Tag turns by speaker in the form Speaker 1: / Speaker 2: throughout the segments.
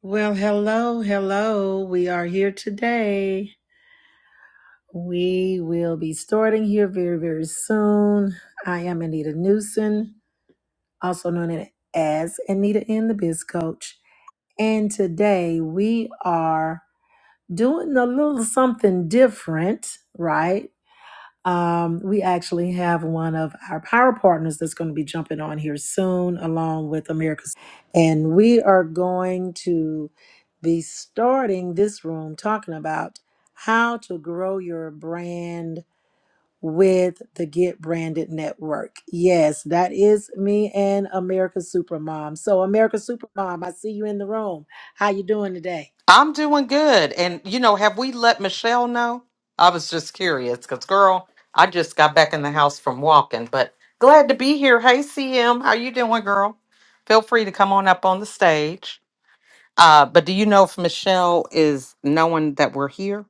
Speaker 1: Well, hello, hello. We are here today. We will be starting here very, very soon. I am Anita Newson, also known as Anita in the Biz Coach. And today we are doing a little something different, right? Um, we actually have one of our power partners that's going to be jumping on here soon, along with America's. And we are going to be starting this room talking about how to grow your brand with the Get Branded Network. Yes, that is me and America's Supermom. So, America's Supermom, I see you in the room. How you doing today?
Speaker 2: I'm doing good. And, you know, have we let Michelle know? I was just curious because, girl, I just got back in the house from walking, but glad to be here. Hey, CM, how you doing, girl? Feel free to come on up on the stage. Uh, but do you know if Michelle is knowing that we're here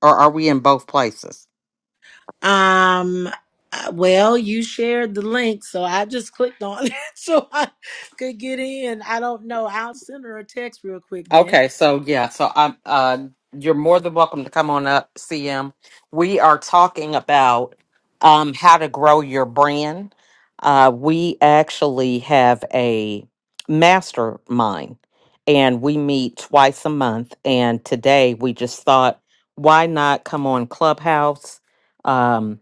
Speaker 2: or are we in both places?
Speaker 1: Um, uh, well, you shared the link, so I just clicked on it so I could get in. I don't know. I'll send her a text real quick then.
Speaker 2: Okay, so yeah, so I'm uh you're more than welcome to come on up, CM. We are talking about um how to grow your brand. Uh we actually have a mastermind and we meet twice a month and today we just thought why not come on Clubhouse? Um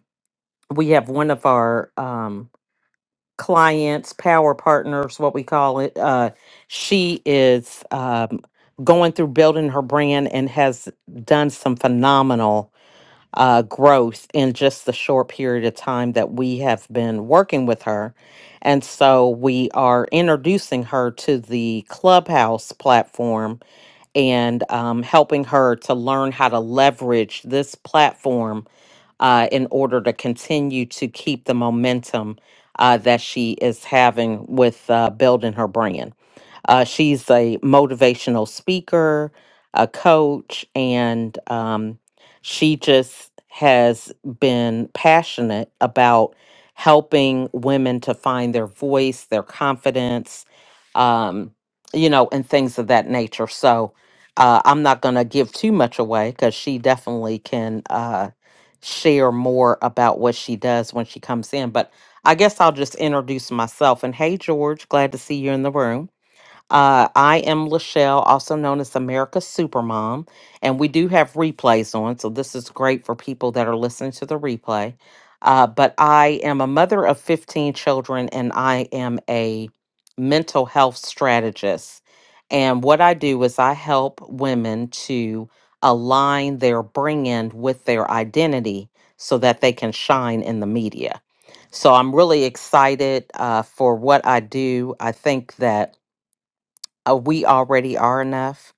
Speaker 2: we have one of our um clients, power partners, what we call it. Uh, she is um, going through building her brand and has done some phenomenal uh, growth in just the short period of time that we have been working with her. And so we are introducing her to the Clubhouse platform and um, helping her to learn how to leverage this platform uh, in order to continue to keep the momentum uh, that she is having with uh, building her brand. Uh, she's a motivational speaker, a coach, and um, she just has been passionate about helping women to find their voice, their confidence, um, you know, and things of that nature. So uh, I'm not going to give too much away because she definitely can uh, share more about what she does when she comes in. But I guess I'll just introduce myself. And hey, George, glad to see you in the room. Uh, I am Lachelle, also known as America's Supermom, and we do have replays on, so this is great for people that are listening to the replay. Uh, but I am a mother of 15 children, and I am a mental health strategist. And what I do is I help women to align their bring in with their identity so that they can shine in the media. So I'm really excited uh, for what I do. I think that uh, we already are enough.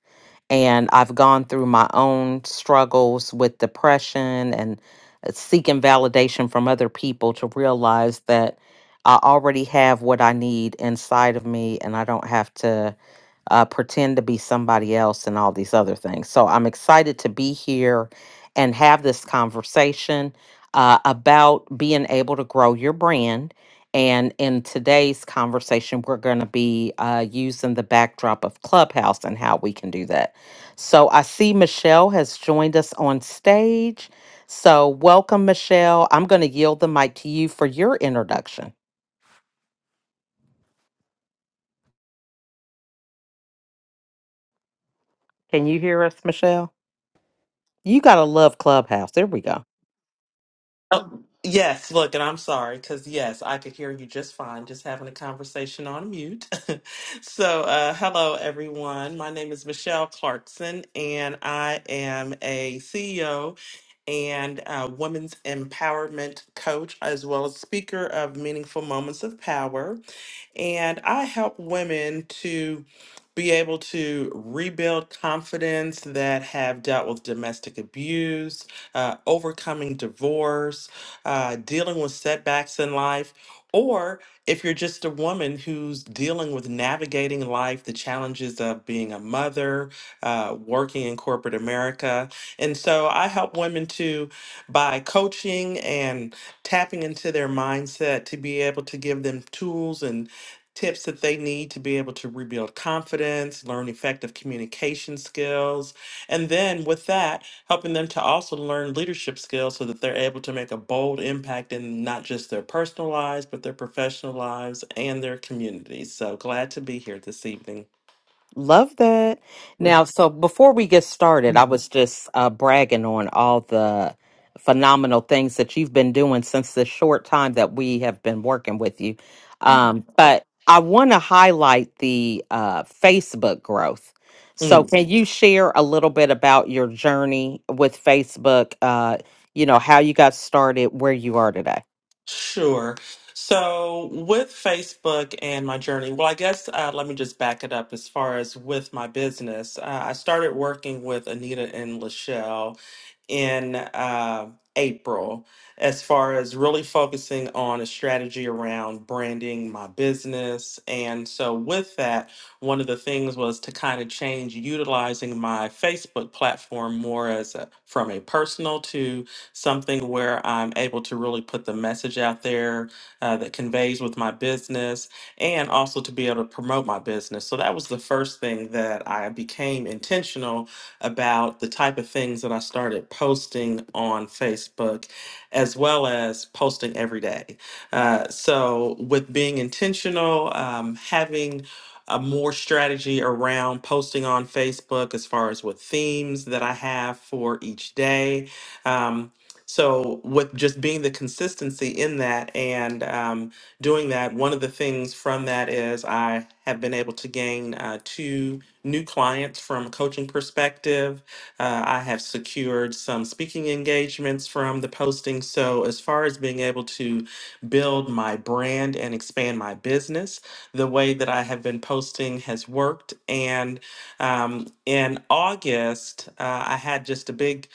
Speaker 2: And I've gone through my own struggles with depression and uh, seeking validation from other people to realize that I already have what I need inside of me and I don't have to uh, pretend to be somebody else and all these other things. So I'm excited to be here and have this conversation uh, about being able to grow your brand. And in today's conversation, we're going to be uh, using the backdrop of Clubhouse and how we can do that. So I see Michelle has joined us on stage. So welcome, Michelle. I'm going to yield the mic to you for your introduction. Can you hear us, Michelle? You got to love Clubhouse. There we go.
Speaker 3: Oh, yes, look, and I'm sorry because yes, I could hear you just fine, just having a conversation on mute. so, uh, hello, everyone. My name is Michelle Clarkson, and I am a CEO and uh, women's empowerment coach, as well as speaker of Meaningful Moments of Power. And I help women to be able to rebuild confidence that have dealt with domestic abuse, uh, overcoming divorce, uh, dealing with setbacks in life, or if you're just a woman who's dealing with navigating life, the challenges of being a mother, uh, working in corporate America. And so I help women to, by coaching and tapping into their mindset, to be able to give them tools and tips that they need to be able to rebuild confidence, learn effective communication skills, and then with that, helping them to also learn leadership skills so that they're able to make a bold impact in not just their personal lives, but their professional lives and their communities. So glad to be here this evening.
Speaker 2: Love that. Now, so before we get started, I
Speaker 3: Mm.
Speaker 2: was just uh, bragging on all the phenomenal things that you've been doing since the short time that we have been working with you. Um,
Speaker 3: Oh.
Speaker 2: but I want to highlight the uh, Facebook growth. So,
Speaker 3: Mm,
Speaker 2: can you share a little bit about your journey with Facebook? Uh, you know, how you got started, where you are today?
Speaker 3: sure. So, with Facebook and my journey, well, I guess uh, let me just back it up as far as with my business. Uh, I started working with Anita and Lachelle in uh, April as far as really focusing on a strategy around branding my business. And so, with that, one of the things was to kind of change utilizing my Facebook platform more as a, from a personal to something where I'm able to really put the message out there uh, that conveys with my business and also to be able to promote my business. So, that was the first thing that I became intentional about the type of things that I started posting on Facebook, as well as posting every day. Uh, so, with being intentional, um, having a more strategy around posting on Facebook as far as what themes that I have for each day. Um, so, with just being the consistency in that and um, doing that, one of the things from that is I have been able to gain uh, two new clients from a coaching perspective. Uh, I have secured some speaking engagements from the posting. So, as far as being able to build my brand and expand my business, the way that I have been posting has worked. And um, in August, uh, I had just a big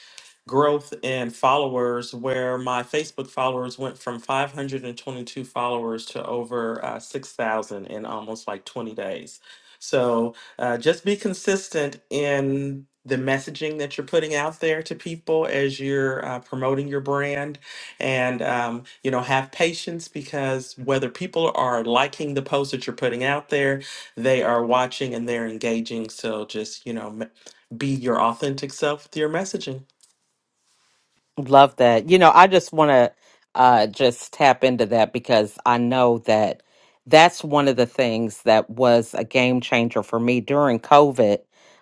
Speaker 3: growth in followers where my Facebook followers went from 522 followers to over uh, 6,000 in almost like 20 days. So, uh, just be consistent in the messaging that you're putting out there to people as you're uh, promoting your brand and um, you know have patience because whether people are liking the post that you're putting out there they are watching and they're engaging so just you know m- be your authentic self with your messaging
Speaker 2: Love that. You know, I just want to uh, just tap into that because I know that that's one of the things that was a game changer for me during COVID.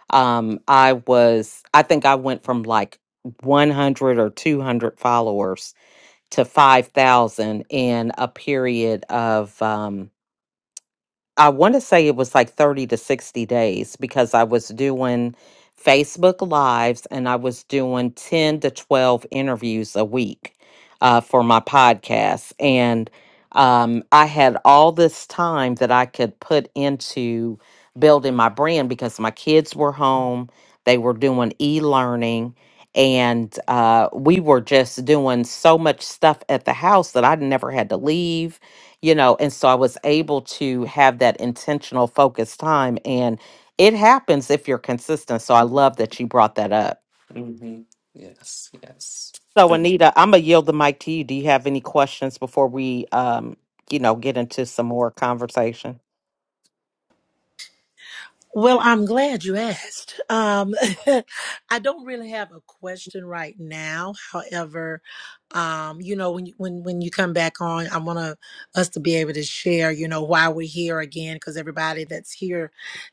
Speaker 2: Um, I was, I think I went from like 100 or 200 followers to 5,000 in a period of, um, I want to say it was like 30 to 60 days because I was doing Facebook Lives and I was doing 10 to 12 interviews a week uh, for my podcast. And um, I had all this time that I could put into building my brand because my kids were home, they were doing e learning. And uh, we were just doing so much stuff at the house that I never had to leave you know and so i was able to have that intentional focused time and it happens if you're consistent so i love that you brought that up
Speaker 3: hmm yes yes
Speaker 2: so
Speaker 3: Thank-
Speaker 2: anita i'm gonna yield the mic to you do you have any questions before we um you know get into some more conversation
Speaker 1: Well, I'm glad you asked. Um, I don't really have a question right now. However, um, you know, when you, when when you come back on, I want to us to be able to share, you know, why we're here again, because everybody that's here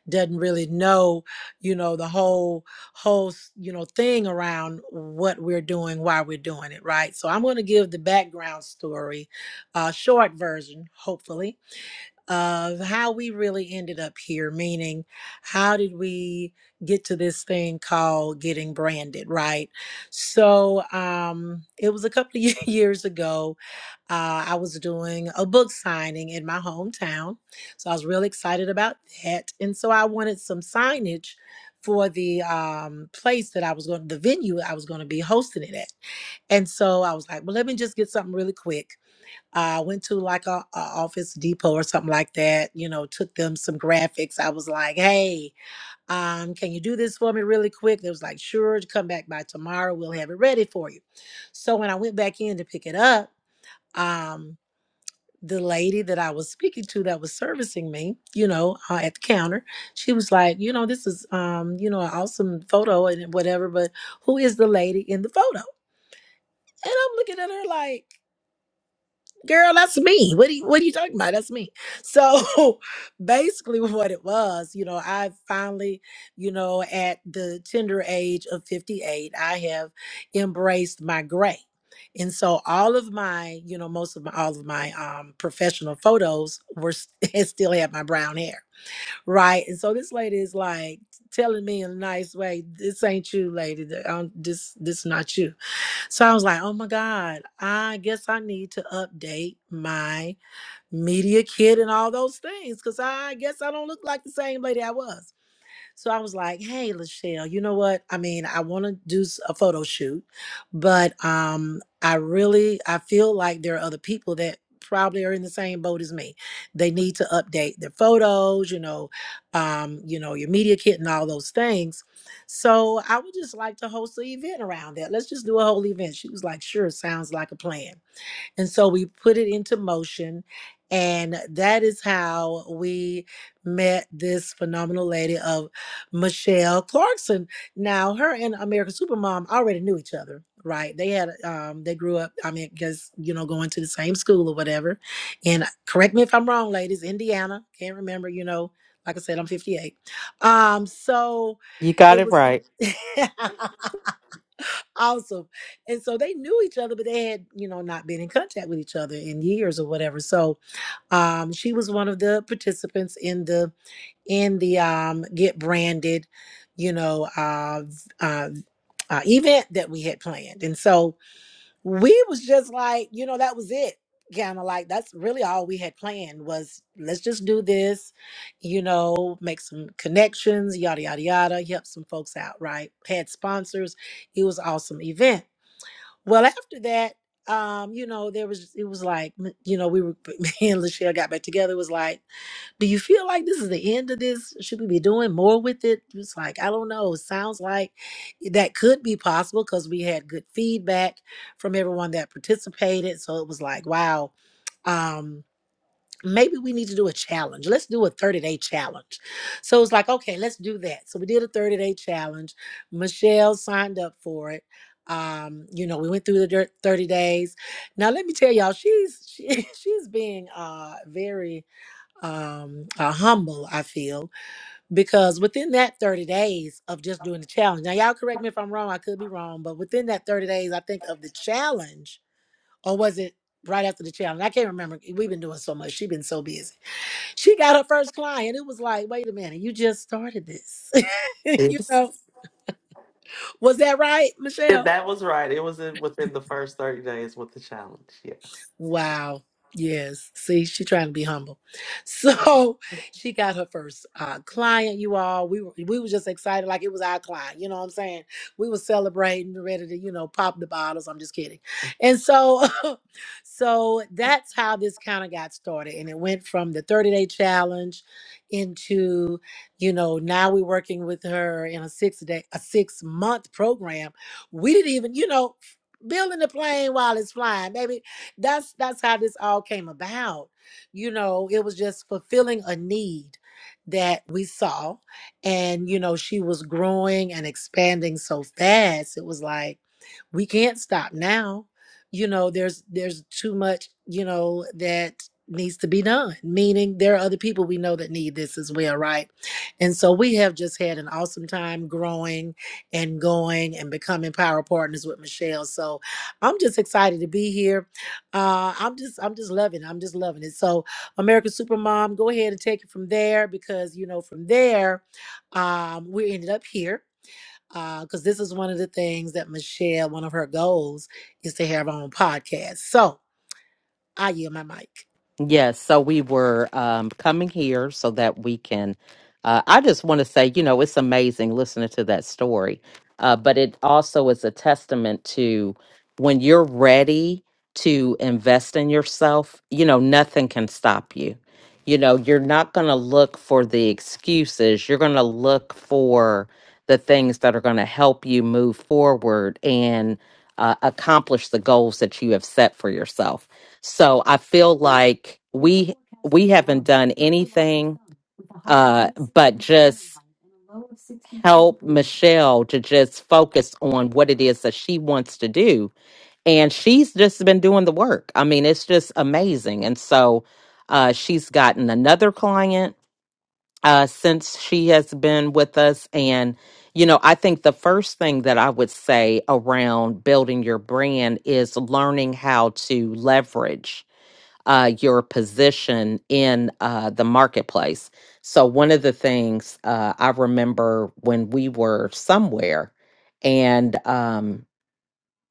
Speaker 1: doesn't really know, you know, the whole whole you know thing around what we're doing, why we're doing it, right? So I'm going to give the background story, uh, short version, hopefully of how we really ended up here, meaning how did we get to this thing called getting branded, right? So um, it was a couple of years ago. Uh, I was doing a book signing in my hometown. So I was really excited about that. And so I wanted some signage for the um, place that I was going, the venue I was going to be hosting it at. And so I was like, well, let me just get something really quick I went to like a, a Office Depot or something like that. You know, took them some graphics. I was like, "Hey, um, can you do this for me really quick?" They was like, "Sure, come back by tomorrow. We'll have it ready for you." So when I went back in to pick it up, um, the lady that I was speaking to that was servicing me, you know, uh, at the counter, she was like, "You know, this is, um, you know, an awesome photo and whatever, but who is the lady in the photo?" And I'm looking at her like. girl that's me what are you, what are you talking about that's me so basically what it was you know i finally you know at the tender age of 58 i have embraced my gray and so all of my you know most of my all of my um professional photos were s- and still had my brown hair right and so this lady is like telling me in a nice way this ain't you lady Th- um, this this not you so I was like, oh my God, I guess I need to update my media kit and all those things because I guess I don't look like the same lady I was. So I was like, hey, Lachelle, you know what? I mean, I want to do s- a photo shoot, but um, I really, I feel like there are other people that probably are in the same boat as me. They need to update their photos, you know, um, you know, your media kit and all those things. So I would just like to host an event around that. Let's just do a whole event. She was like, sure, sounds like a plan. And so we put it into motion. And that is how we met this phenomenal lady of Michelle Clarkson. Now, her and American Supermom already knew each other, right? They had, um, they grew up, I mean, because, you know, going to the same school or whatever. And correct me if I'm wrong, ladies, Indiana, can't remember, you know, like I said, I'm 58. Um, so
Speaker 2: you got
Speaker 1: it
Speaker 2: it
Speaker 1: was.
Speaker 2: right
Speaker 1: awesome. And so they knew each other, but they had, you know, not been in contact with each other in years or whatever. So um she was one of the participants in the in the um get branded, you know, uh, uh uh, event that we had planned. And so we was just like, you know, that was it. Kind of like that's really all we had planned was let's just do this, you know, make some connections, yada yada yada, help some folks out, right? Had sponsors. It was awesome event. Well, after that, um, you know, there was it was like you know we were me and Lachelle got back together. It was like, do you feel like this is the end of this? Should we be doing more with it? It's like I don't know. It sounds like that could be possible because we had good feedback from everyone that participated. So it was like, wow. Um, maybe we need to do a challenge. Let's do a 30 day challenge. So it's like, okay, let's do that. So we did a 30 day challenge. Michelle signed up for it. Um, you know, we went through the dir- 30 days. Now let me tell y'all, she's she, she's being uh very um uh, humble, I feel, because within that 30 days of just doing the challenge. Now y'all correct me if I'm wrong, I could be wrong, but within that 30 days, I think of the challenge, or was it right after the challenge? I can't remember. We've been doing so much. She's been so busy she got her first client. It was like, wait a minute, you just started this. you know,
Speaker 3: it's,
Speaker 1: was that right,
Speaker 3: it-
Speaker 1: Michelle?
Speaker 3: that was right it was in, within the first 30 days with the challenge yes
Speaker 1: Wow. Yes. See, she trying to be humble. So she got her first uh, client, you all. We were, we were just excited like it was our client. You know what I'm saying? We were celebrating, ready to, you know, pop the bottles. I'm just kidding. And so so that's how this kind of got started. And it went from the 30-day challenge into, you know, now we're working with her in a six-day, a six-month program. We didn't even, you know, building the plane while it's flying, baby that's that's how this all came about. You know, it was just fulfilling a need that we saw and you know, she was growing and expanding so fast. It was like we can't stop now. You know, there's there's too much, you know, that needs to be done. Meaning there are other people we know that need this as well, right? And so we have just had an awesome time growing and going and becoming power partners with Michelle. So I'm just excited to be here uh, I'm just I'm just loving. it. I'm just loving it. So American Supermom, go ahead and take it from there because you know from there, um, we ended up here. Because this is one of the things that Michelle, one of her goals, is to have her own podcast. So I yield my mic.
Speaker 2: Yes, so we were um, coming here so that we can. Uh, I just want to say, you know, it's amazing listening to that story, uh, but it also is a testament to when you're ready to invest in yourself, you know, nothing can stop you. You know, you're not going to look for the excuses, you're going to look for the things that are going to help you move forward and uh, accomplish the goals that you have set for yourself so I feel like we we haven't done anything uh but just help Michelle to just focus on what it is that she wants to do. And she's just been doing the work. I mean, it's just amazing. And so uh she's gotten another client uh since she has been with us and you know, I think the first thing that I would say around building your brand is learning how to leverage uh, your position in uh, the marketplace. So, one of the things uh, I remember when we were somewhere and um,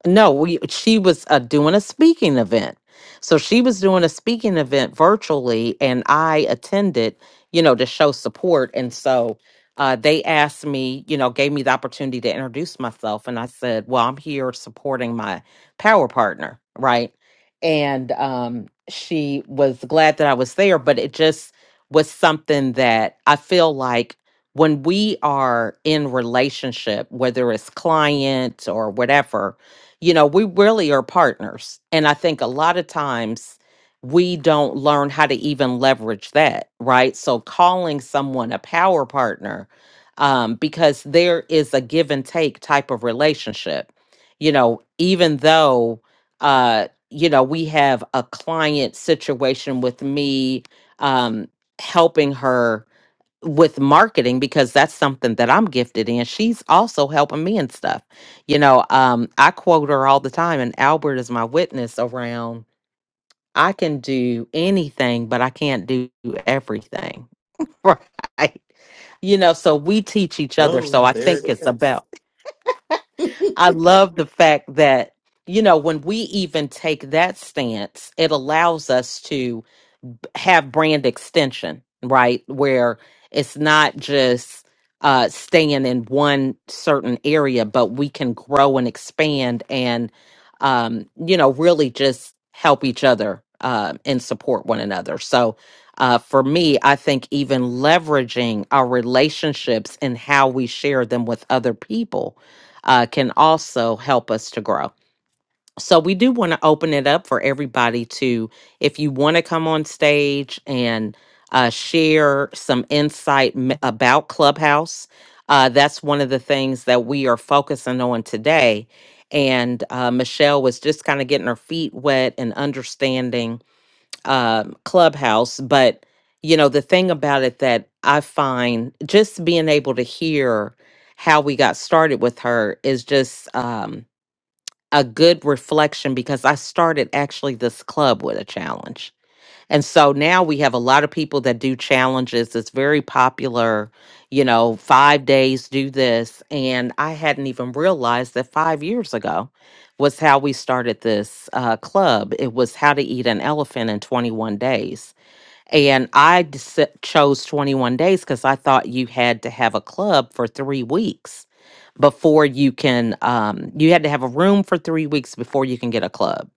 Speaker 2: no, we she was uh, doing a speaking event. So she was doing a speaking event virtually and I attended, you know, to show support and so uh, they asked me, you know, gave me the opportunity to introduce myself and I said, "Well, I'm here supporting my power partner, right?" And um she was glad that I was there, but it just was something that I feel like when we are in relationship, whether it's client or whatever, you know, we really are partners. And I think a lot of times we don't learn how to even leverage that, right? So calling someone a power partner, um, because there is a give and take type of relationship, you know, even though, uh, you know, we have a client situation with me um, helping her with marketing because that's something that I'm gifted in. She's also helping me and stuff. You know, um, I quote her all the time, and Albert is my witness around I can do anything, but I can't do everything. Right. You know, so we teach each other.
Speaker 3: oh
Speaker 2: So I
Speaker 3: there
Speaker 2: think
Speaker 3: it
Speaker 2: it's
Speaker 3: is
Speaker 2: about, I love the fact that, you know, when we even take that stance, it allows us to have brand extension, right? Where it's not just uh, staying in one certain area, but we can grow and expand and, um, you know, really just help each other uh, and support one another. So uh, for me, I think even leveraging our relationships and how we share them with other people uh, can also help us to grow so we do want to open it up for everybody to if you want to come on stage and uh, share some insight m- about clubhouse uh, that's one of the things that we are focusing on today and uh, michelle was just kind of getting her feet wet and understanding um, clubhouse but you know the thing about it that i find just being able to hear how we got started with her is just um, a good reflection because I started actually this club with a challenge. And so now we have a lot of people that do challenges. It's very popular, you know, five days do this. And I hadn't even realized that five years ago was how we started this uh, club. It was how to eat an elephant in 21 days. And I dis- chose 21 days because I thought you had to have a club for three weeks before you can um you had to have a room for 3 weeks before you can get a club.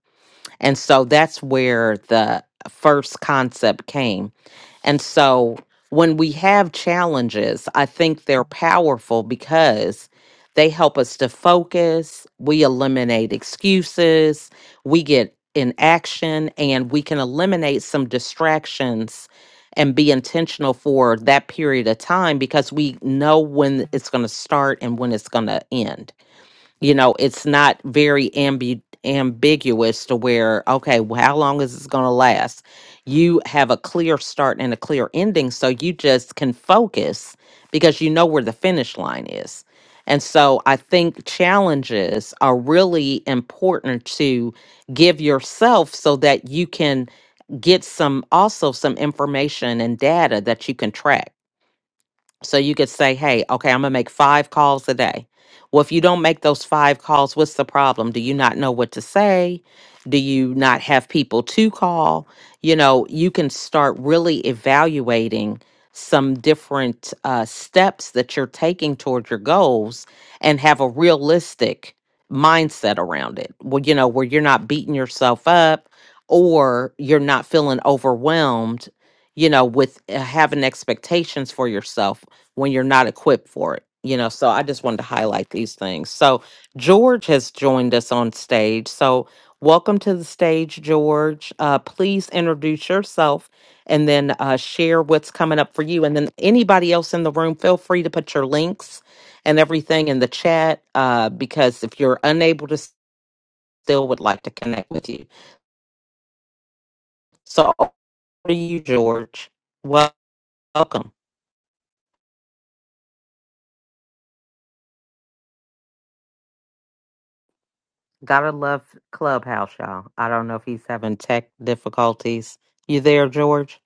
Speaker 2: And so that's where the first concept came and so when we have challenges, I think they're powerful because they help us to focus, we eliminate excuses, we get in action, and we can eliminate some distractions and be intentional for that period of time because we know when it's going to start and when it's going to end you know it's not very ambi- ambiguous to where okay well, how long is this going to last you have a clear start and a clear ending so you just can focus because you know where the finish line is and so i think challenges are really important to give yourself so that you can get some also some information and data that you can track so you could say, hey, okay, I'm going to make five calls a day. Well, if you don't make those five calls, what's the problem? Do you not know what to say? Do you not have people to call? You know, you can start really evaluating some different uh, steps that you're taking toward your goals and have a realistic mindset around it. Well, you know, where you're not beating yourself up or you're not feeling overwhelmed you know, with uh, having expectations for yourself when you're not equipped for it you know so i just wanted to highlight these things so george has joined us on stage so welcome to the stage george uh, please introduce yourself and then uh, share what's coming up for you and then anybody else in the room feel free to put your links and everything in the chat uh, because if you're unable to still would like to connect with you so over to you george Wel- welcome Gotta love Clubhouse, y'all. I don't know if he's having tech difficulties. You there, George?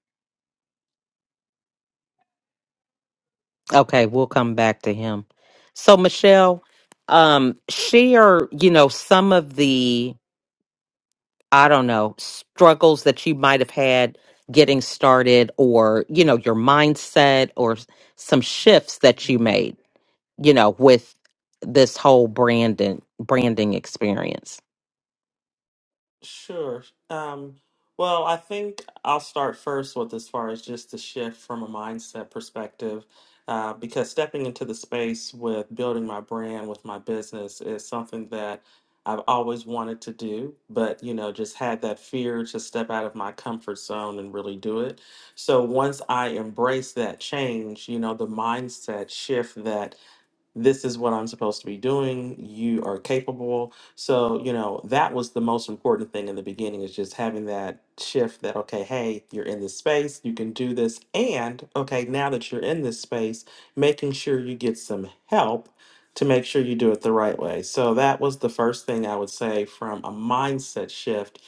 Speaker 2: Okay, we'll come back to him. So, Michelle, um, share, you know, some of the, I don't know, struggles that you might have had getting started or, you know, your mindset or s- some shifts that you
Speaker 3: Mhm.
Speaker 2: made, you know, with this whole branding branding experience.
Speaker 3: Sure. Um, well, I think I'll start first with as far as just the shift from a mindset perspective, uh, because stepping into the space with building my brand with my business is something that I've always wanted to do, but you know, just had that fear to step out of my comfort zone and really do it. So once I embrace that change, you know, the mindset shift that. this is what I'm supposed to be doing. You are capable. So, you know, that was the most important thing in the beginning is just having that shift that, okay, hey, you're in this space, you can do this. And, okay, now that you're in this space, making sure you get some help to make sure you do it the right way. So, that was the first thing I would say from a mindset shift.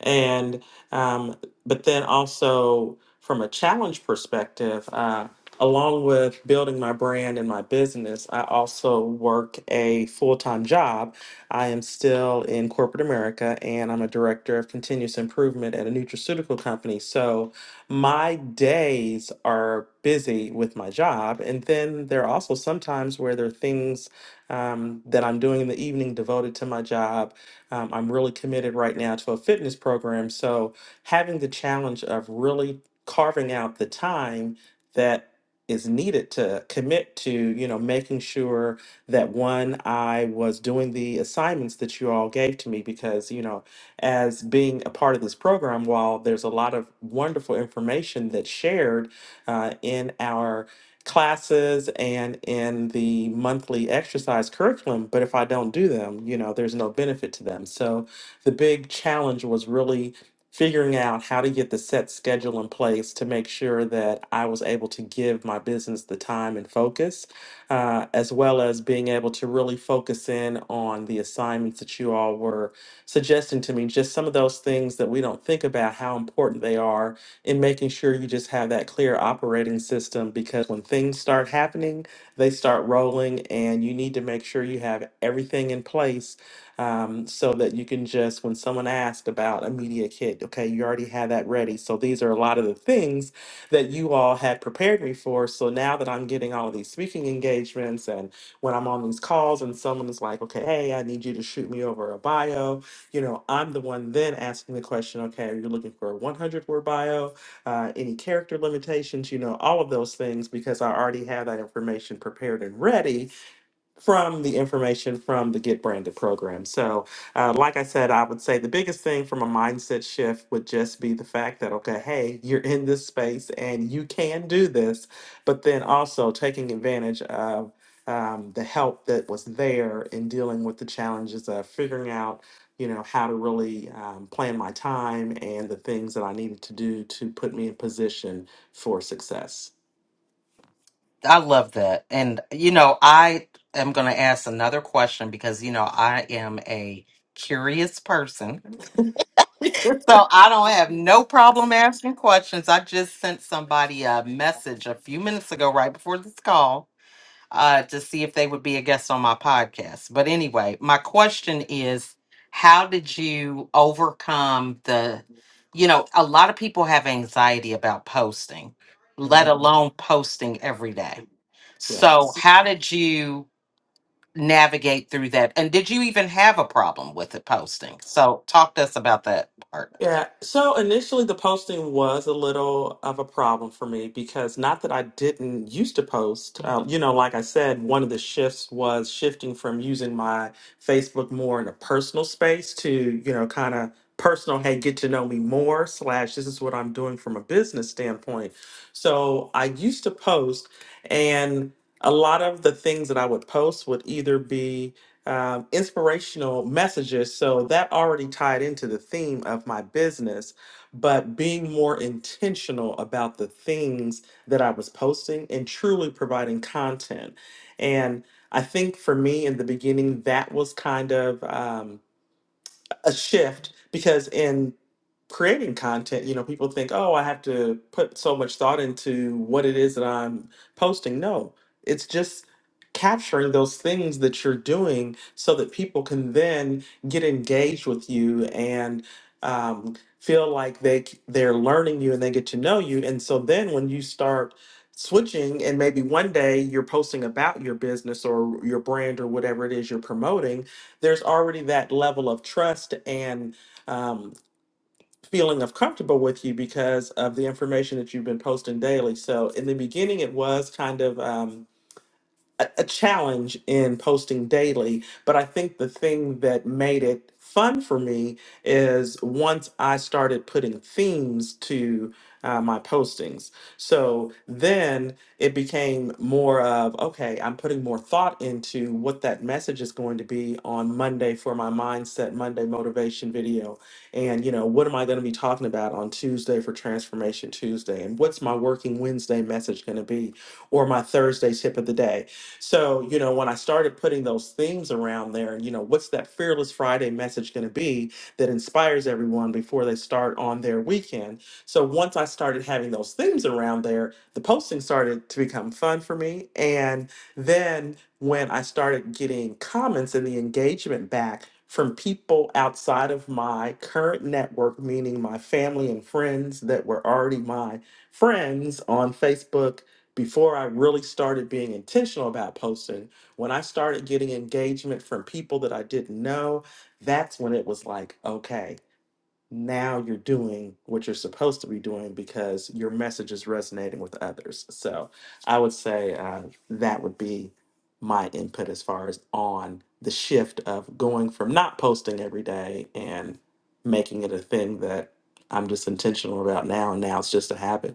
Speaker 3: And, um, but then also, from a challenge perspective, uh, along with building my brand and my business, I also work a full time job. I am still in corporate America and I'm a director of continuous improvement at a nutraceutical company. So my days are busy with my job. And then there are also sometimes where there are things um, that I'm doing in the evening devoted to my job. Um, I'm really committed right now to a fitness program. So having the challenge of really carving out the time that is needed to commit to you know making sure that one i was doing the assignments that you all gave to me because you know as being a part of this program while there's a lot of wonderful information that's shared uh, in our classes and in the monthly exercise curriculum but if i don't do them you know there's no benefit to them so the big challenge was really figuring out how to get the set schedule in place to make sure that I was able to give my business the time and focus, uh, as well as being able to really focus in on the assignments that you all were suggesting to me. Just some of those things that we don't think about how important they are in making sure you just have that clear operating system because when things start happening, they start rolling, and you need to make sure you have everything in place um, so that you can just, when someone asks about a media kit, okay, you already have that ready. So these are a lot of the things that you all had prepared me for. So now that I'm getting all of these speaking engagements and when I'm on these calls and someone is like, okay, hey, I need you to shoot me over a bio, you know, I'm the one then asking the question, okay, are you looking for a 100 word bio, uh, any character limitations, you know, all of those things because I already have that information prepared and ready from the information from the Get Branded program. So, uh, like I said, I would say the biggest thing from a mindset shift would just be the fact that, okay, hey, you're in this space and you can do this, but then also taking advantage of um, the help that was there in dealing with the challenges of figuring out. You know, how to really um, plan my time and the things that I needed to do to put me in position for success.
Speaker 2: I love that. And, you know, I am going to ask another question because, you know, I am a curious person. So I don't have no problem asking questions. I just sent somebody a message a few minutes ago, right before this call. uh, to see if they would be a guest on my podcast. But anyway, my question is how did you overcome the, you know, a lot of people have anxiety about posting, let
Speaker 3: Mhm.
Speaker 2: alone posting every day. So,
Speaker 3: Yes.
Speaker 2: how did you navigate through that? And did you even have a problem with it posting? So, talk to us about that part.
Speaker 3: Yeah. So initially, the posting was a little of a problem for me because not that I didn't used to post. Um, you know, like I said, one of the shifts was shifting from using my Facebook more in a personal space to, you know, kind of personal, hey, get to know me more, slash, this is what I'm doing from a business standpoint. So I used to post, and a lot of the things that I would post would either be um, inspirational messages. So that already tied into the theme of my business, but being more intentional about the things that I was posting and truly providing content. And I think for me in the beginning, that was kind of um, a shift because in creating content, you know, people think, oh, I have to put so much thought into what it is that I'm posting. No, it's just capturing those things that you're doing so that people can then get engaged with you and um, feel like they c- they're learning you and they get to know you. And so then when you start switching and maybe one day you're posting about your business or your brand or whatever it is you're promoting there's already that level of trust and um, feeling of comfortable with you because of the information that you've been posting daily. So in the beginning, it was kind of. Um, a, a challenge in posting daily, but I think the thing that made it fun for me is once I started putting themes to uh, my postings. So then it became more of okay, I'm putting more thought into what that message is going to be on Monday for my mindset Monday motivation video. And, you know, what am I going to be talking about on Tuesday for Transformation Tuesday? And what's my working Wednesday message going to be? Or my Thursday tip of the day? So, you know, when I started putting those themes around there, you know, what's that Fearless Friday message going to be that inspires everyone before they start on their weekend? So, once I started having those themes around there, the posting started to become fun for me. And then when I started getting comments and the engagement back, from people outside of my current network, meaning my family and friends that were already my friends on Facebook before I really started being intentional about posting, when I started getting engagement from people that I didn't know, that's when it was like, okay, now you're doing what you're supposed to be doing because your message is resonating with others. So I would say uh, that would be my input as far as on the shift of going from not posting every day and making it a thing that I'm just intentional about now. And now it's just a habit.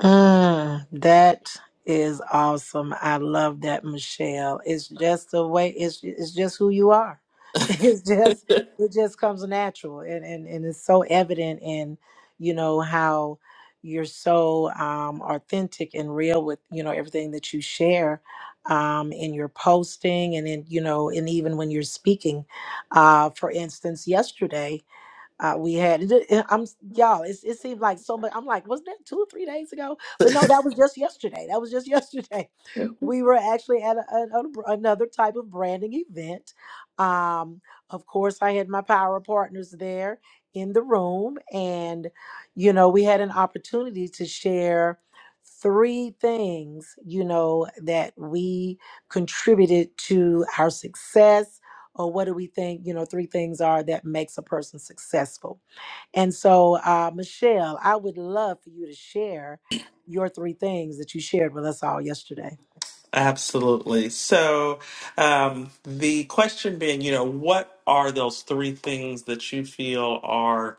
Speaker 1: Mm, that is awesome. I love that, Michelle. It's just the way it's it's just who you are. It's just it just comes natural and, and, and it's so evident in, you know, how you're so um authentic and real with, you know, everything that you share um in your posting and in, you know, and even when you're speaking. Uh for instance, yesterday. Uh, we had it- I'm y'all. It, it seemed like so much. I'm like, was that two or three days ago? But no, that was just yesterday. That was just yesterday. We were actually at a, a- a br- another type of branding event. Um, of course, I had my power partners there in the room, and you know, we had an opportunity to share three things. You know that we contributed to our success or what do we think you know three things are that makes a person successful and so uh, michelle i would love for you to share your three things that you shared with us all yesterday
Speaker 3: Absolutely. So, um, the question being, you know, what are those three things that you feel are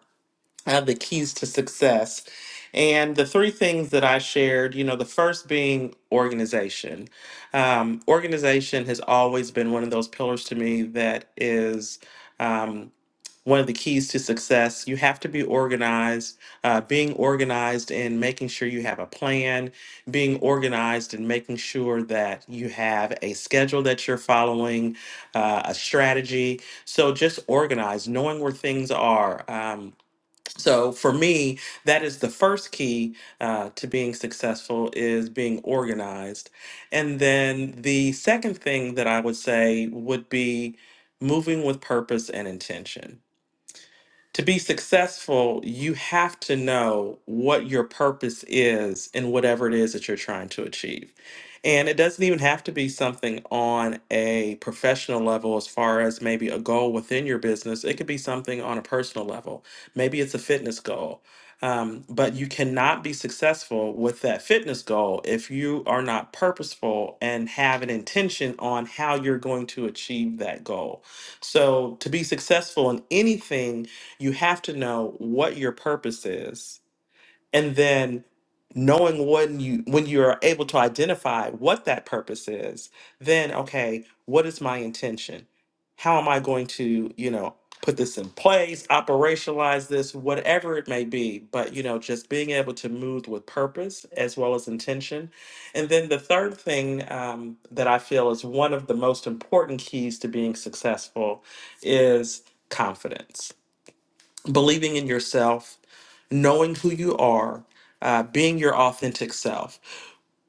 Speaker 3: uh, the keys to success? And the three things that I shared, you know, the first being organization. Um, organization has always been one of those pillars to me that is. um, one of the keys to success. You have to be organized. Uh, being organized and making sure you have a plan, being organized and making sure that you have a schedule that you're following, uh, a strategy. So just organize, knowing where things are. Um, so for me, that is the first key uh, to being successful is being organized. And then the second thing that I would say would be moving with purpose and intention to be successful, you have to know what your purpose is in whatever it is that you're trying to achieve. And it doesn't even have to be something on a professional level, as far as maybe a goal within your business. It could be something on a personal level. Maybe it's a fitness goal. Um, but you cannot be successful with that fitness goal if you are not purposeful and have an intention on how you're going to achieve that goal. So, to be successful in anything, you have to know what your purpose is and then knowing when you when you are able to identify what that purpose is then okay what is my intention how am i going to you know put this in place operationalize this whatever it may be but you know just being able to move with purpose as well as intention and then the third thing um, that i feel is one of the most important keys to being successful is confidence believing in yourself, knowing who you are, uh, being your authentic self.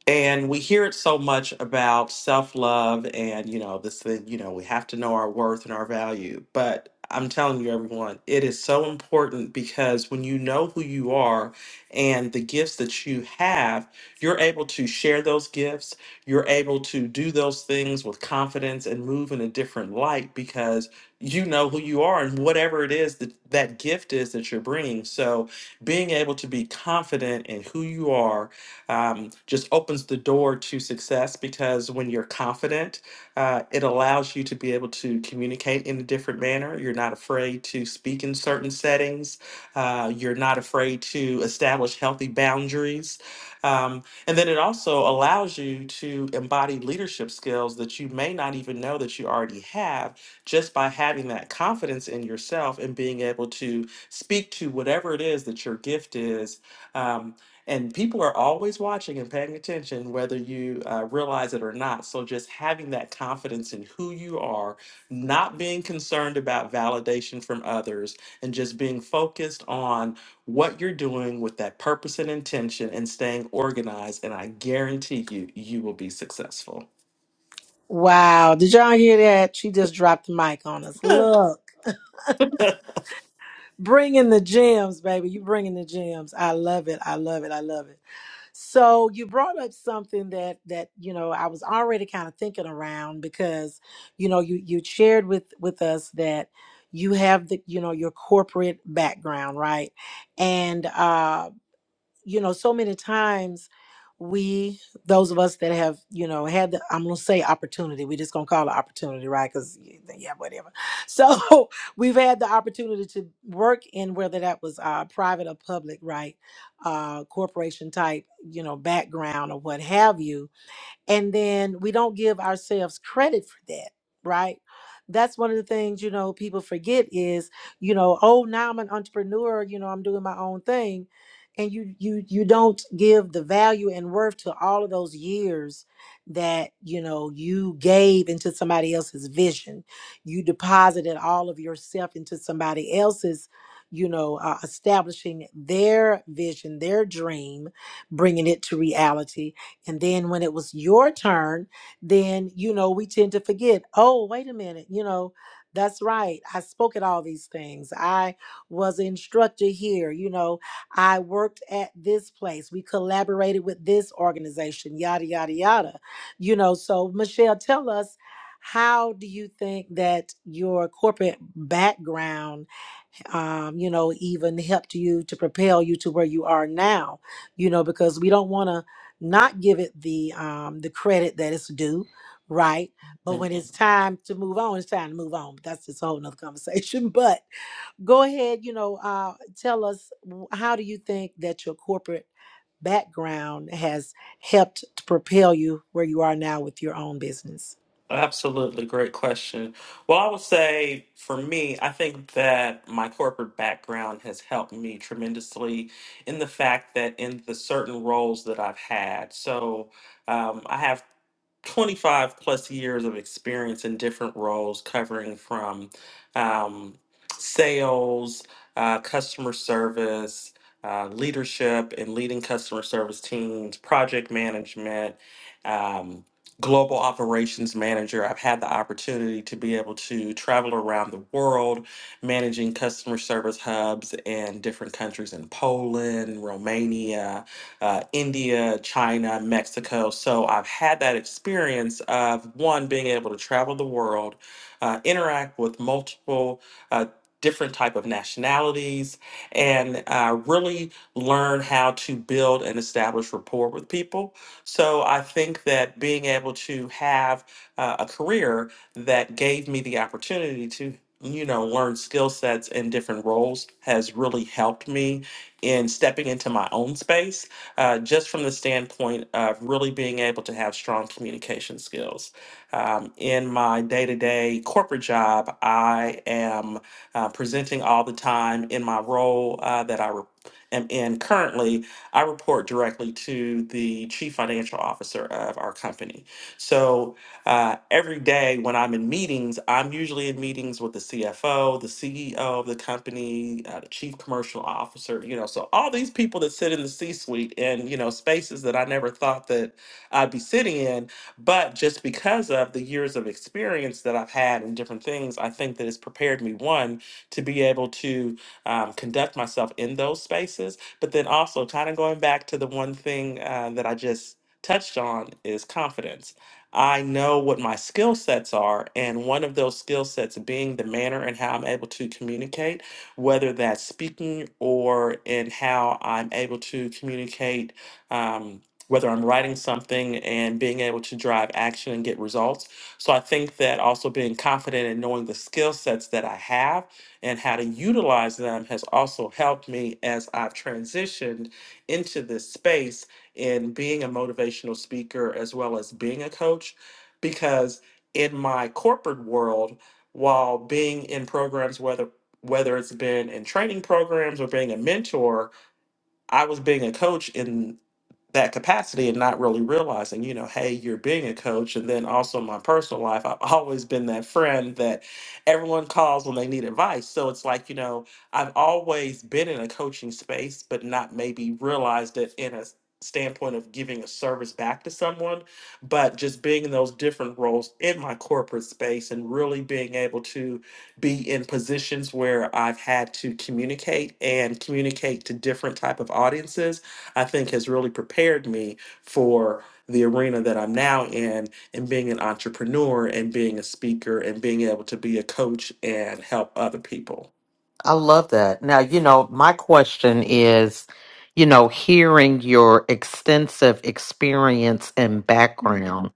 Speaker 3: And we hear it so much about self love and, you know, this thing, you know, we have to know our worth and our value. But I'm telling you, everyone, it is so important because when you know who you are and the gifts that you have, you're able to share those gifts. You're able to do those things with confidence and move in a different light because you know who you are and whatever it is that that gift is that you're bringing. So being able to be confident in who you are um, just opens the door to success because when you're confident, uh, it allows you to be able to communicate in a different manner. You're not afraid to speak in certain settings. Uh, you're not afraid to establish healthy boundaries. Um, and then it also allows you to embody leadership skills that you may not even know that you already have just by having that confidence in yourself and being able to speak to whatever it is that your gift is. Um, and people are always watching and paying attention, whether you uh, realize it or not. So, just having that confidence in who you are, not being concerned about validation from others, and just being focused on what you're doing with that purpose and intention and staying organized. And I guarantee you, you will be successful.
Speaker 1: wow did y'all hear that she just dropped the mic on us look bringing the gems baby you bringing the gems i love it i love it i love it So you brought up something that that you know I was already kind of thinking around because you know you you shared with with us that you have the you know your corporate background right and uh, you know, so many times we, those of us that have, you know, had the, I'm going to say opportunity, we're just going to call it opportunity, right? Because, yeah, whatever. So we've had the opportunity to work in whether that was uh, private or public, right? Uh, corporation type, you know, background or what have you and then we don't give ourselves credit for that right that's one of the things you know people forget is you know oh now i'm an entrepreneur you know i'm doing my own thing and you you you don't give the value and worth to all of those years that you know you gave into somebody else's vision you deposited all of yourself into somebody else's you know uh, establishing their vision their dream bringing it to reality and then when it was your turn, then, you know, we tend to forget, oh, wait a minute, you know, that's right. I spoke at all these things. I was an instructor here. You know, I worked at this place. We collaborated with this organization, yada, yada, yada. You know, so Michelle, tell us how do you think that your corporate background um, you know, even helped you to propel you to where you are now, you know, because we don't want to not give it the um, the credit that it's due, right? But when it's time to move on, it's time to move on. That's just a whole nother conversation. But go ahead, you know, uh, tell us w- how do you think that your corporate background has helped to propel you where you are now with your own business?
Speaker 3: Absolutely, great question. Well, I would say for me, I think that my corporate background has helped me tremendously in the fact that in the certain roles that I've had. So um, I have 25 plus years of experience in different roles, covering from um, sales, uh, customer service, uh, leadership, and leading customer service teams, project management, um, global operations manager. I've had the opportunity to be able to travel around the world, managing customer service hubs in different countries in Poland, Romania uh, India, China, Mexico. So I've had that experience of one being able to travel the world, uh, interact with multiple uh, different type of nationalities, and uh, really learn how to build and establish rapport with people. So I think that being able to have uh, a career that gave me the opportunity to you know learn skill sets in different roles has really helped me in stepping into my own space uh, just from the standpoint of really being able to have strong communication skills. Um, in my day to day corporate job, I am uh, presenting all the time. In my role uh, that I re- am in currently, I report directly to the chief financial officer of our company. So uh, every day when I'm in meetings, I'm usually in meetings with the CFO, the CEO of the company, uh, the chief commercial officer, you know, so all these people that sit in the C suite and, you know, spaces that I never thought that I'd be sitting in. But just because of the years of experience that I've had in different things, I think that it's prepared me, one, to be able to um, conduct myself in those spaces. But then also, kind of going back to the one thing uh, that I just touched on is confidence I know what my skill sets are, and one of those skill sets being the manner and how I'm able to communicate, whether that's speaking or in how I'm able to communicate, um, whether I'm writing something and being able to drive action and get results. So I think that also being confident and knowing the skill sets that I have and how to utilize them has also helped me as I've transitioned into this space in being a motivational speaker as well as being a coach because in my corporate world while being in programs whether whether it's been in training programs or being a mentor I was being a coach in that capacity and not really realizing, you know, hey, you're being a coach. And then also in my personal life, I've always been that friend that everyone calls when they need advice. So it's like, you know, I've always been in a coaching space, but not maybe realized it in a s- standpoint of giving a service back to someone, but just being in those different roles in my corporate space and really being able to be in positions where I've had to communicate and communicate to different type of audiences I think has really prepared me for the arena that I'm now in and being an entrepreneur and being a speaker and being able to be a coach and help other people.
Speaker 2: I love that. Now, you know, my question is, you know, hearing your extensive experience and background,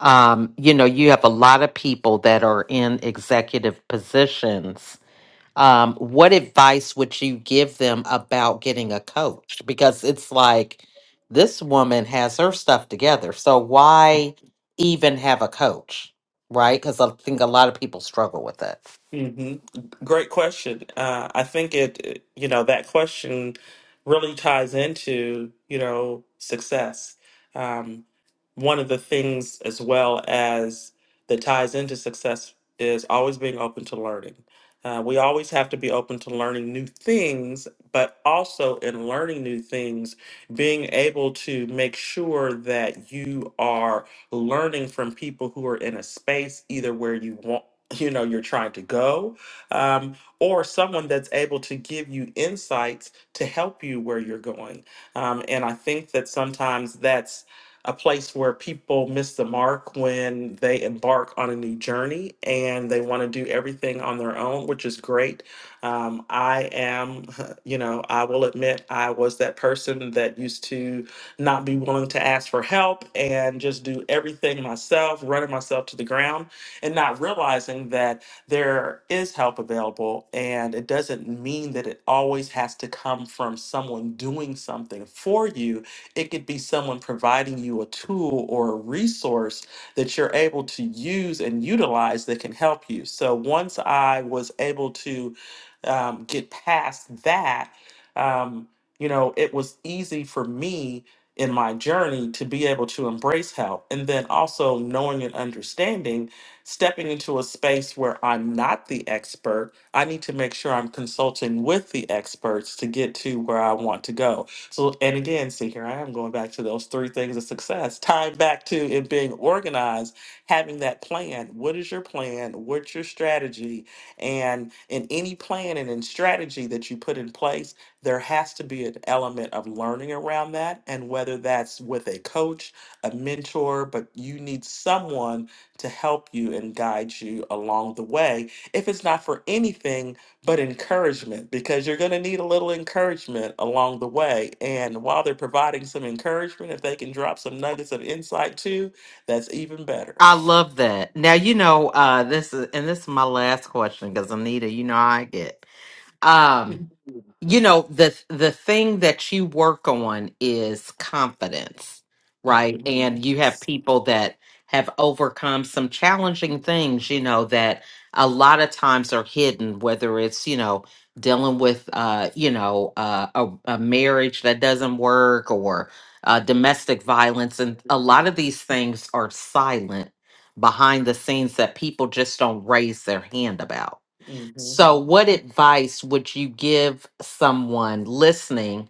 Speaker 2: um, you know, you have a lot of people that are in executive positions. Um, what advice would you give them about getting a coach? Because it's like this woman has her stuff together. So why even have a coach? Right? Because I think a lot of people struggle with that.
Speaker 3: hmm Great question. Uh, I think it, you know, that question really ties into, you know, success. Um, one of the things as well as that ties into success is always being open to learning. Uh, we always have to be open to learning new things, but also in learning new things, being able to make sure that you are learning from people who are in a space either where you want you know you're trying to go um, or someone that's able to give you insights to help you where you're going um, and i think that sometimes that's a place where people miss the mark when they embark on a new journey and they want to do everything on their own which is great um, i am you know i will admit i was that person that used to not be willing to ask for help and just do everything myself running myself to the ground and not realizing that there is help available and it doesn't mean that it always has to come from someone doing something for you it could be someone providing you a tool or a resource that you're able to use and utilize that can help you so once i was able to um, get past that um, you know it was easy for me in my journey to be able to embrace help and then also knowing and understanding stepping into a space where I'm not the expert, I need to make sure I'm consulting with the experts to get to where I want to go. So, and again, see, here I am going back to those three things of success, tying back to it being organized, having that plan. What is your plan? What's your strategy? And in any plan and in strategy that you put in place, there has to be an element of learning around that. And whether that's with a coach, a mentor, but you need someone to help you and guide you along the way, if it's not for anything but encouragement, because you're going to need a little encouragement along the way. And while they're providing some encouragement, if they can drop some nuggets of insight too, that's even better.
Speaker 2: I love that. Now you know uh this is and this is my last question because Anita, you know how I get. Um, you know, the the thing that you work on is confidence, right?
Speaker 3: hmm
Speaker 2: And you have people that have overcome some challenging things, you know, that a lot of times are hidden, whether it's, you know, dealing with uh, you know, uh, a, a marriage that doesn't work or uh, domestic violence and a lot of these things are silent behind the scenes that people just don't raise their hand about
Speaker 3: hmm
Speaker 2: so, what advice would you give someone listening,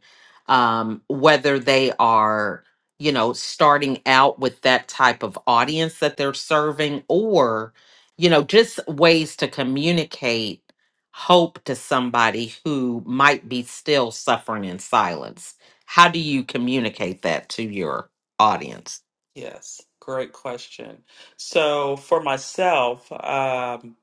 Speaker 2: um, whether they are, you know, starting out with that type of audience that they're serving, or, you know, just ways to communicate hope to somebody who might be still suffering in silence? How do you communicate that to your audience?
Speaker 3: Yes, great question. So for myself, um,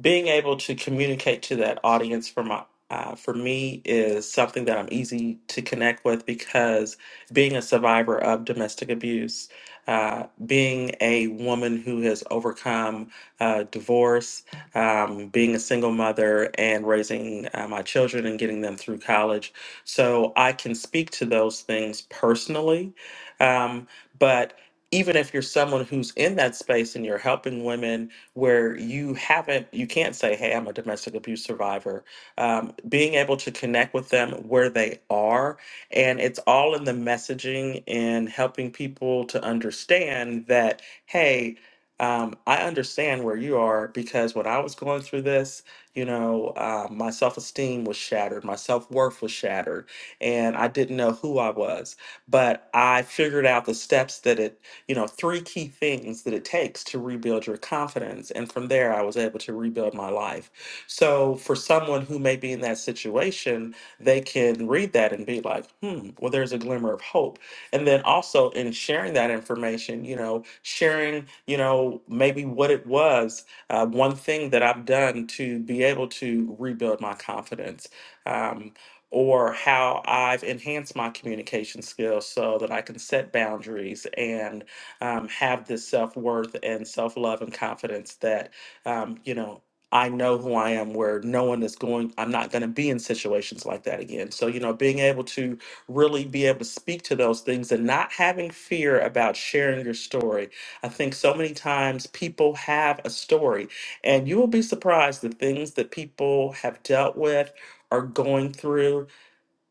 Speaker 3: being able to communicate to that audience for my uh, for me is something that I'm easy to connect with because being a survivor of domestic abuse, uh, being a woman who has overcome uh, divorce, um, being a single mother, and raising uh, my children and getting them through college. So I can speak to those things personally. Um, but even if you're someone who's in that space and you're helping women where you haven't, you can't say, hey, I'm a domestic abuse survivor. Um, being able to connect with them where they are. And it's all in the messaging and helping people to understand that, hey, um, I understand where you are because when I was going through this, you know, uh, my self esteem was shattered, my self worth was shattered, and I didn't know who I was. But I figured out the steps that it you know, three key things that it takes to rebuild your confidence. And from there, I was able to rebuild my life. So for someone who may be in that situation, they can read that and be like, hmm, well, there's a glimmer of hope. And then also in sharing that information, you know, sharing, you know, maybe what it was, uh, one thing that I've done to be able to rebuild my confidence. Um, or how I've enhanced my communication skills so that I can set boundaries and um, have this self worth and self love and confidence that, um, you know, I know who I am, where no one is going, I'm not going to be in situations like that again. So, you know, being able to really be able to speak to those things and not having fear about sharing your story. I think so many times people have a story, and you will be surprised the things that people have dealt with. Are going through,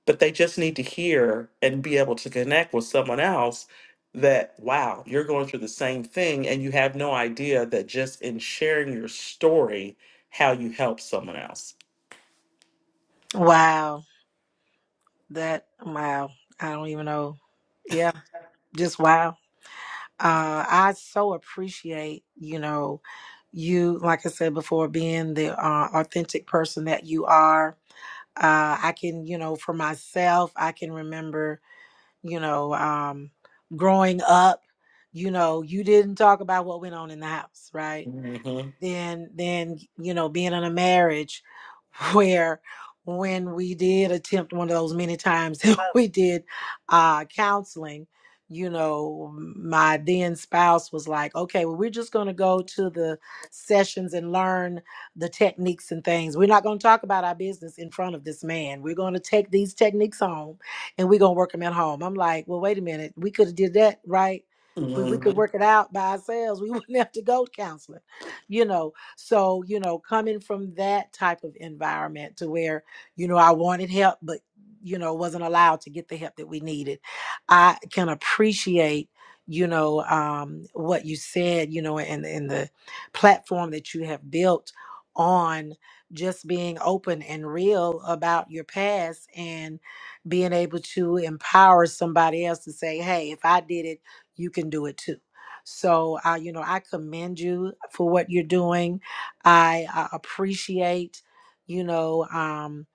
Speaker 3: but they just need to hear and be able to connect with someone else that wow you're going through the same thing and you have no idea that just in sharing your story how you help someone else
Speaker 1: Wow, that wow! I don't even know. Yeah, just wow. uh, I so appreciate, you know, you, like I said before, being the uh, authentic person that you are. Uh, I can, you know, for myself, I can remember, you know, um, growing up, you know, you didn't talk about what went on in the house, right?
Speaker 3: Mhm,
Speaker 1: than than you know being in a marriage where when we did attempt one of those many times that we did uh counseling you know my then spouse was like okay well we're just going to go to the sessions and learn the techniques and things we're not going to talk about our business in front of this man we're going to take these techniques home and we're going to work them at home i'm like well wait a minute we could have did that right but we could
Speaker 3: mhm.
Speaker 1: work it out by ourselves we wouldn't have to go to counseling you know so you know coming from that type of environment to where you know i wanted help but you know wasn't allowed to get the help that we needed i can appreciate you know um what you said you know and and the platform that you have built on just being open and real about your past and being able to empower somebody else to say hey if i did it you can do it too so, I, you know, I commend you for what you're doing. I uh, appreciate, you know, um,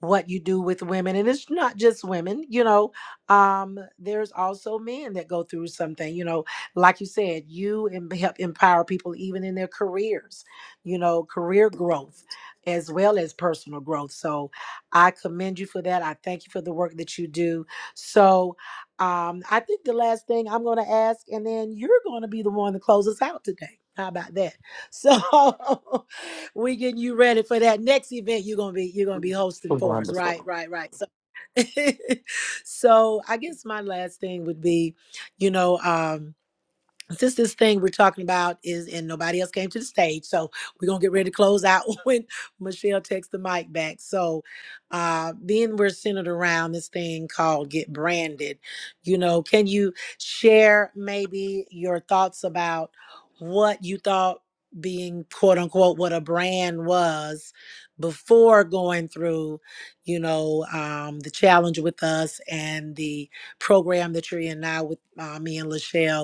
Speaker 1: what you do with women. And it's not just women, you know, um, there's also men that go through something, you know, like you said, you em- help empower people even in their careers, you know, career growth as well as personal growth. So I commend you for that. I thank you for the work that you do. So, um, I think the last thing I'm going to ask, and then you're going to be the one to close us out today. How about that? So we getting you ready for that next event you're gonna be you're gonna be hosting for us, right?
Speaker 3: wonderful
Speaker 1: Right? Right? So, so I guess my last thing would be, you know, um, since this thing we're talking about is and nobody else came to the stage, so we're gonna get ready to close out when Michelle takes the mic back. So uh then we're centered around this thing called get branded. You know, can you share maybe your thoughts about what you thought being quote unquote what a brand was before going through, you know, um, the challenge with us and the program that you're in now with uh, me and Lachelle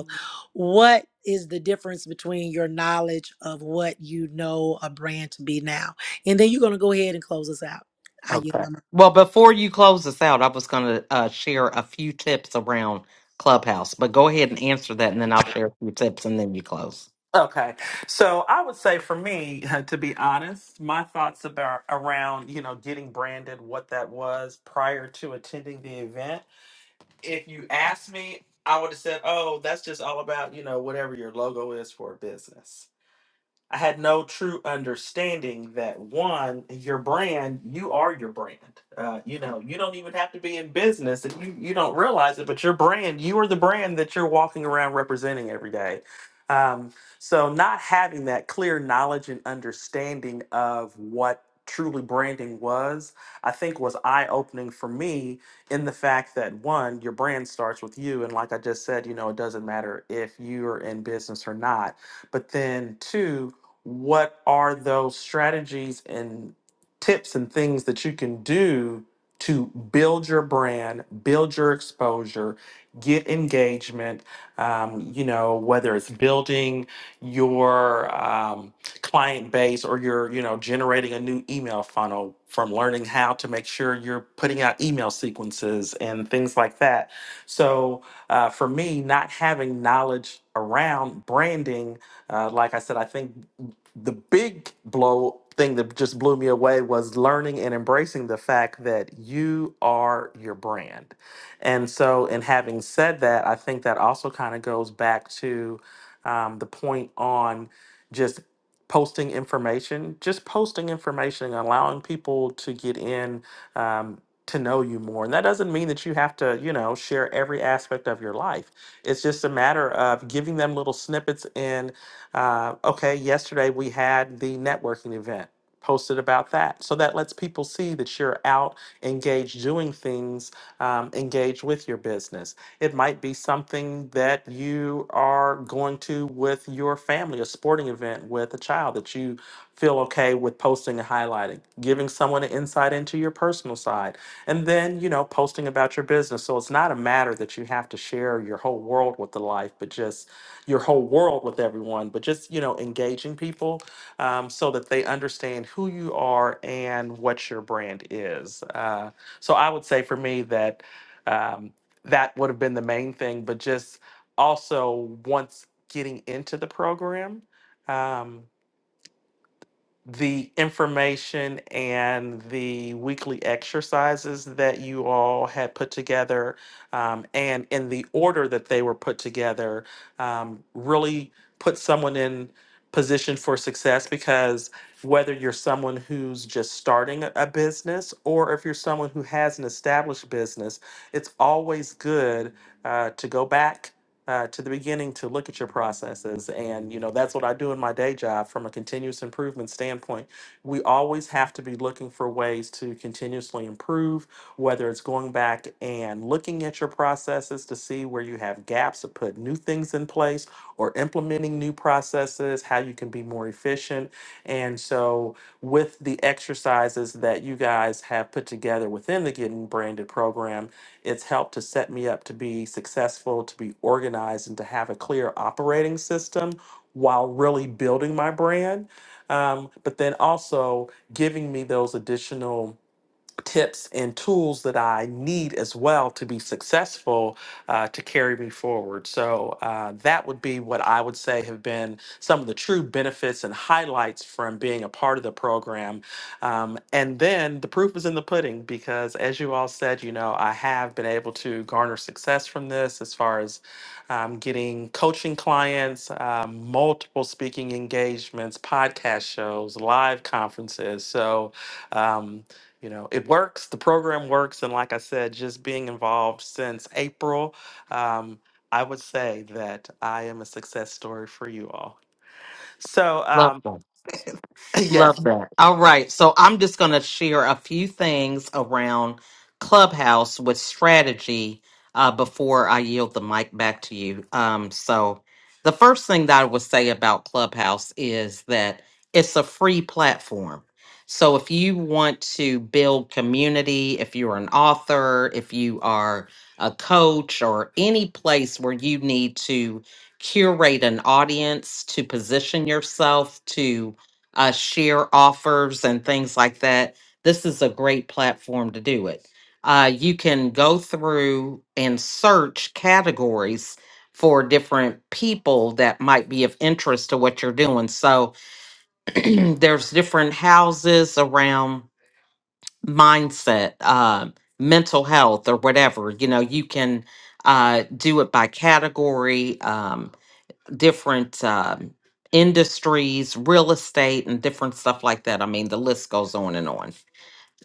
Speaker 1: what is the difference between your knowledge of what you know a brand to be now? And then you're going to go ahead and close us out. I yield
Speaker 3: okay
Speaker 1: my mic.
Speaker 2: Well, before you close us out, I was going to uh, share a few tips around Clubhouse, but go ahead and answer that, and then I'll share a few tips, and then you close.
Speaker 3: okay so i would say for me to be honest my thoughts about around you know getting branded what that was prior to attending the event if you asked me, I would have said, "Oh, that's just all about you know whatever your logo is for a business." I had no true understanding that one, your brand, you are your brand. Uh, you know, you don't even have to be in business and you, you don't realize it, but your brand, you are the brand that you're walking around representing every day. Um, so, not having that clear knowledge and understanding of what truly branding was, I think was eye opening for me in the fact that one, your brand starts with you. And like I just said, you know, it doesn't matter if you are in business or not. But then two, what are those strategies and tips and things that you can do to build your brand, build your exposure, get engagement, um, you know, whether it's building your um, client base or you're, you know, generating a new email funnel from learning how to make sure you're putting out email sequences and things like that so uh, for me, not having knowledge around branding, uh, like I said, I think the big blow thing that just blew me away was learning and embracing the fact that you are your brand. And so, in having said that, I think that also kind of goes back to um, the point on just posting information, just posting information, allowing people to get in. um, to know you more. And that doesn't mean that you have to, you know, share every aspect of your life. It's just a matter of giving them little snippets. And uh, okay, yesterday we had the networking event. Posted about that. So that lets people see that you're out engaged doing things, um, engaged with your business. It might be something that you are going to with your family, a sporting event with a child that you feel okay with posting and highlighting, giving someone an insight into your personal side side. And then, you know, posting about your business. So it's not a matter that you have to share your whole world with the life, but just your whole world with everyone, but just, you know, engaging people um, so that they understand who you are and what your brand is. Uh, so I would say for me that um, that would have been the main thing, but just also once getting into the program. Um, the information and the weekly exercises that you all had put together um, and in the order that they were put together um, really put someone in position for success because whether you're someone who's just starting a a business or if you're someone who has an established business it's always good uh, to go back uh, to the beginning to look at your processes. And, you know, that's what I do in my day job from a continuous improvement standpoint. We always have to be looking for ways to continuously improve, whether it's going back and looking at your processes to see where you have gaps to put new things in place or implementing new processes, how you can be more efficient. And so, with the exercises that you guys have put together within the Getting Branded program, it's helped to set me up to be successful, to be organized, and to have a clear operating system while really building my brand. Um, but then also giving me those additional tips and tools that I need as well to be successful uh, to carry me forward. So uh, that would be what I would say have been some of the true benefits and highlights from being a part of the program. Um, and then the proof is in the pudding because, as you all said, you know, I have been able to garner success from this as far as um, getting coaching clients, um, multiple speaking engagements, podcast shows, live conferences. So, um, you know it works the program works and like i said just being involved since april um, i would say that i am a success story for you all so
Speaker 2: Love
Speaker 3: um,
Speaker 2: that.
Speaker 3: yes
Speaker 2: Love that. All right. So I'm just going to share a few things around Clubhouse with strategy uh, before I yield the mic back to you. Um, so, the first thing that I would say about Clubhouse is that it's a free platform. So, if you want to build community, if you're an author, if you are a coach, or any place where you need to curate an audience to position yourself to uh, share offers and things like that, this is a great platform to do it. Uh, you can go through and search categories for different people that might be of interest to what you're doing. So there's different houses around mindset, uh, mental health, or whatever. You know, you can uh, do it by category. Um, different um, industries, real estate, and different stuff like that. I mean, the list goes on and on.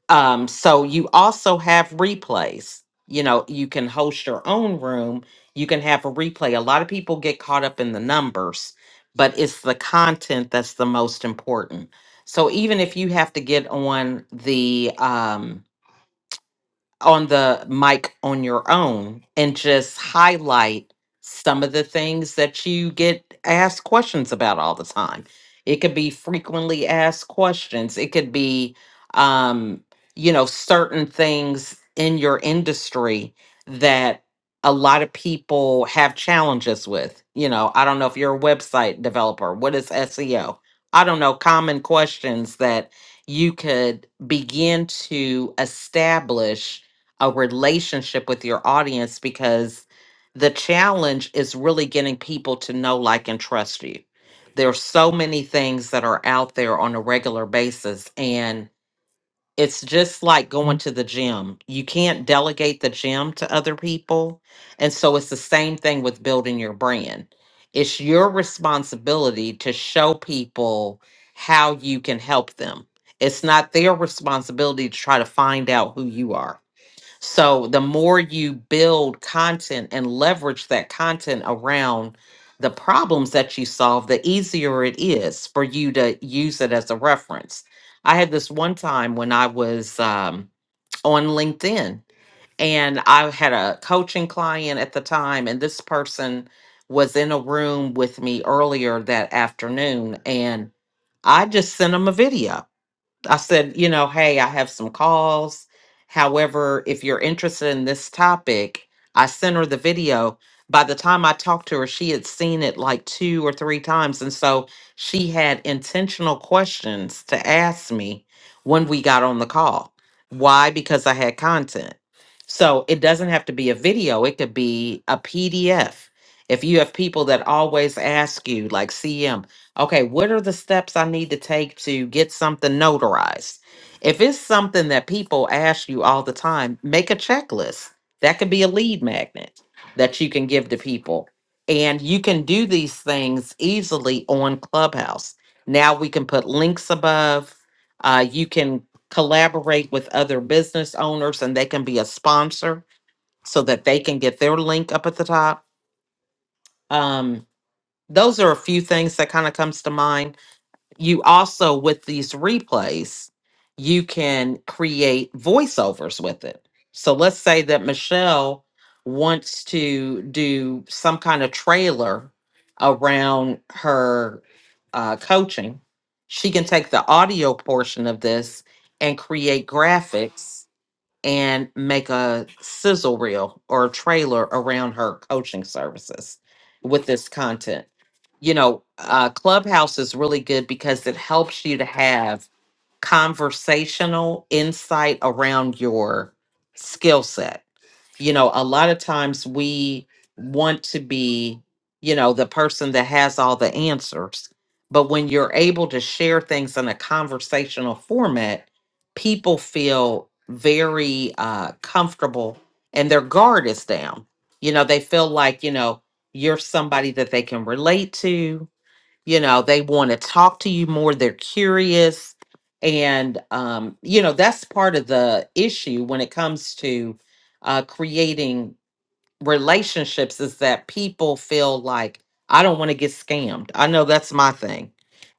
Speaker 2: Um, so you also have replays. You know, you can host your own room. You can have a replay. A lot of people get caught up in the numbers, but it's the content that's the most important. So even if you have to get on the um, on the mic on your own and just highlight some of the things that you get asked questions about all the time. It could be frequently asked questions, it could be, um, you know, certain things in your industry that a lot of people have challenges with. You know, I don't know if you're a website developer, what is SEO? I don't know, common questions that you could begin to establish a relationship with your audience because the challenge is really getting people to know, like, and trust you. There's so many things that are out there on a regular basis. And it's just like going to the gym. You can't delegate the gym to other people. And so it's the same thing with building your brand. It's your responsibility to show people how you can help them. It's not their responsibility to try to find out who you are. So the more you build content and leverage that content around the problems that you solve, the easier it is for you to use it as a reference. I had this one time when I was um, on LinkedIn and I had a coaching client at the time, and this person was in a room with me earlier that afternoon, and I just sent him a video I said, you know, hey, I have some calls. However, if you're interested in this topic, I sent her the video. By the time I talked to her, she had seen it like two or three times. And so she had intentional questions to ask me when we got on the call. Why? Because I had content. So it doesn't have to be a video, it could be a PDF. If you have people that always ask you, like CM, okay, what are the steps I need to take to get something notarized? If it's something that people ask you all the time, make a checklist. That could be a lead magnet that you can give to people. And you can do these things easily on Clubhouse. Now we can put links above. Uh, you can collaborate with other business owners and they can be a sponsor so that they can get their link up at the top. Um, those are a few things that kind of comes to mind you also with these replays you can create voiceovers with it so let's say that michelle wants to do some kind of trailer around her uh, coaching she can take the audio portion of this and create graphics and make a sizzle reel or a trailer around her coaching services with this content. You know, uh, Clubhouse is really good because it helps you to have conversational insight around your skill set you know a lot of times we want to be you know the person that has all the answers but when you're able to share things in a conversational format people feel very uh comfortable and their guard is down you know they feel like you know you're somebody that they can relate to you know they want to talk to you more they're curious and um you know that's part of the issue when it comes to uh creating relationships is that people feel like I don't want to get scammed. I know that's my thing.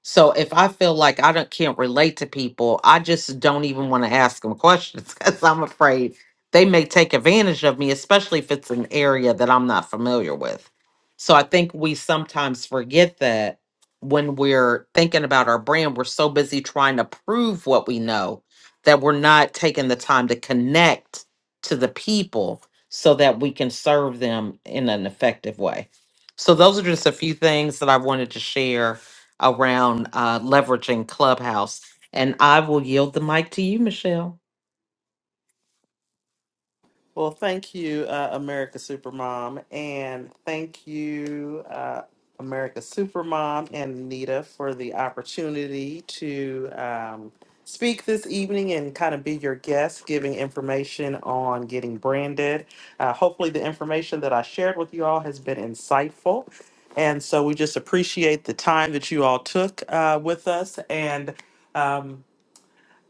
Speaker 2: So if I feel like I don't can't relate to people, I just don't even want to ask them questions because I'm afraid they may take advantage of me, especially if it's an area that I'm not familiar with. So I think we sometimes forget that when we're thinking about our brand, we're so busy trying to prove what we know that we're not taking the time to connect to the people so that we can serve them in an effective way. So, those are just a few things that I wanted to share around uh, leveraging Clubhouse. And I will yield the mic to you, Michelle.
Speaker 3: Well, thank you, uh, America Supermom, and thank you, uh, America Supermom and Anita, for the opportunity to um, speak this evening and kind of be your guest, giving information on getting branded. Uh, hopefully, the information that I shared with you all has been insightful. And so we just appreciate the time that you all took uh, with us. And um,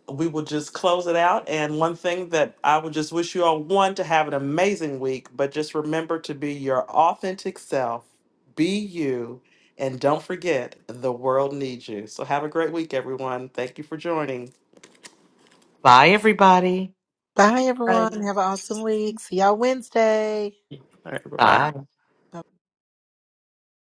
Speaker 3: we will just close it out. And one thing that I would just wish you all one to have an amazing week, but just remember to be your authentic self, be you, and don't forget the world needs you. So have a great week, everyone. Thank you for joining.
Speaker 2: Bye, everybody.
Speaker 1: Bye, everyone. Have an awesome week. See y'all Wednesday.
Speaker 3: All right, bye
Speaker 2: Bye.
Speaker 3: bye.
Speaker 1: Bye.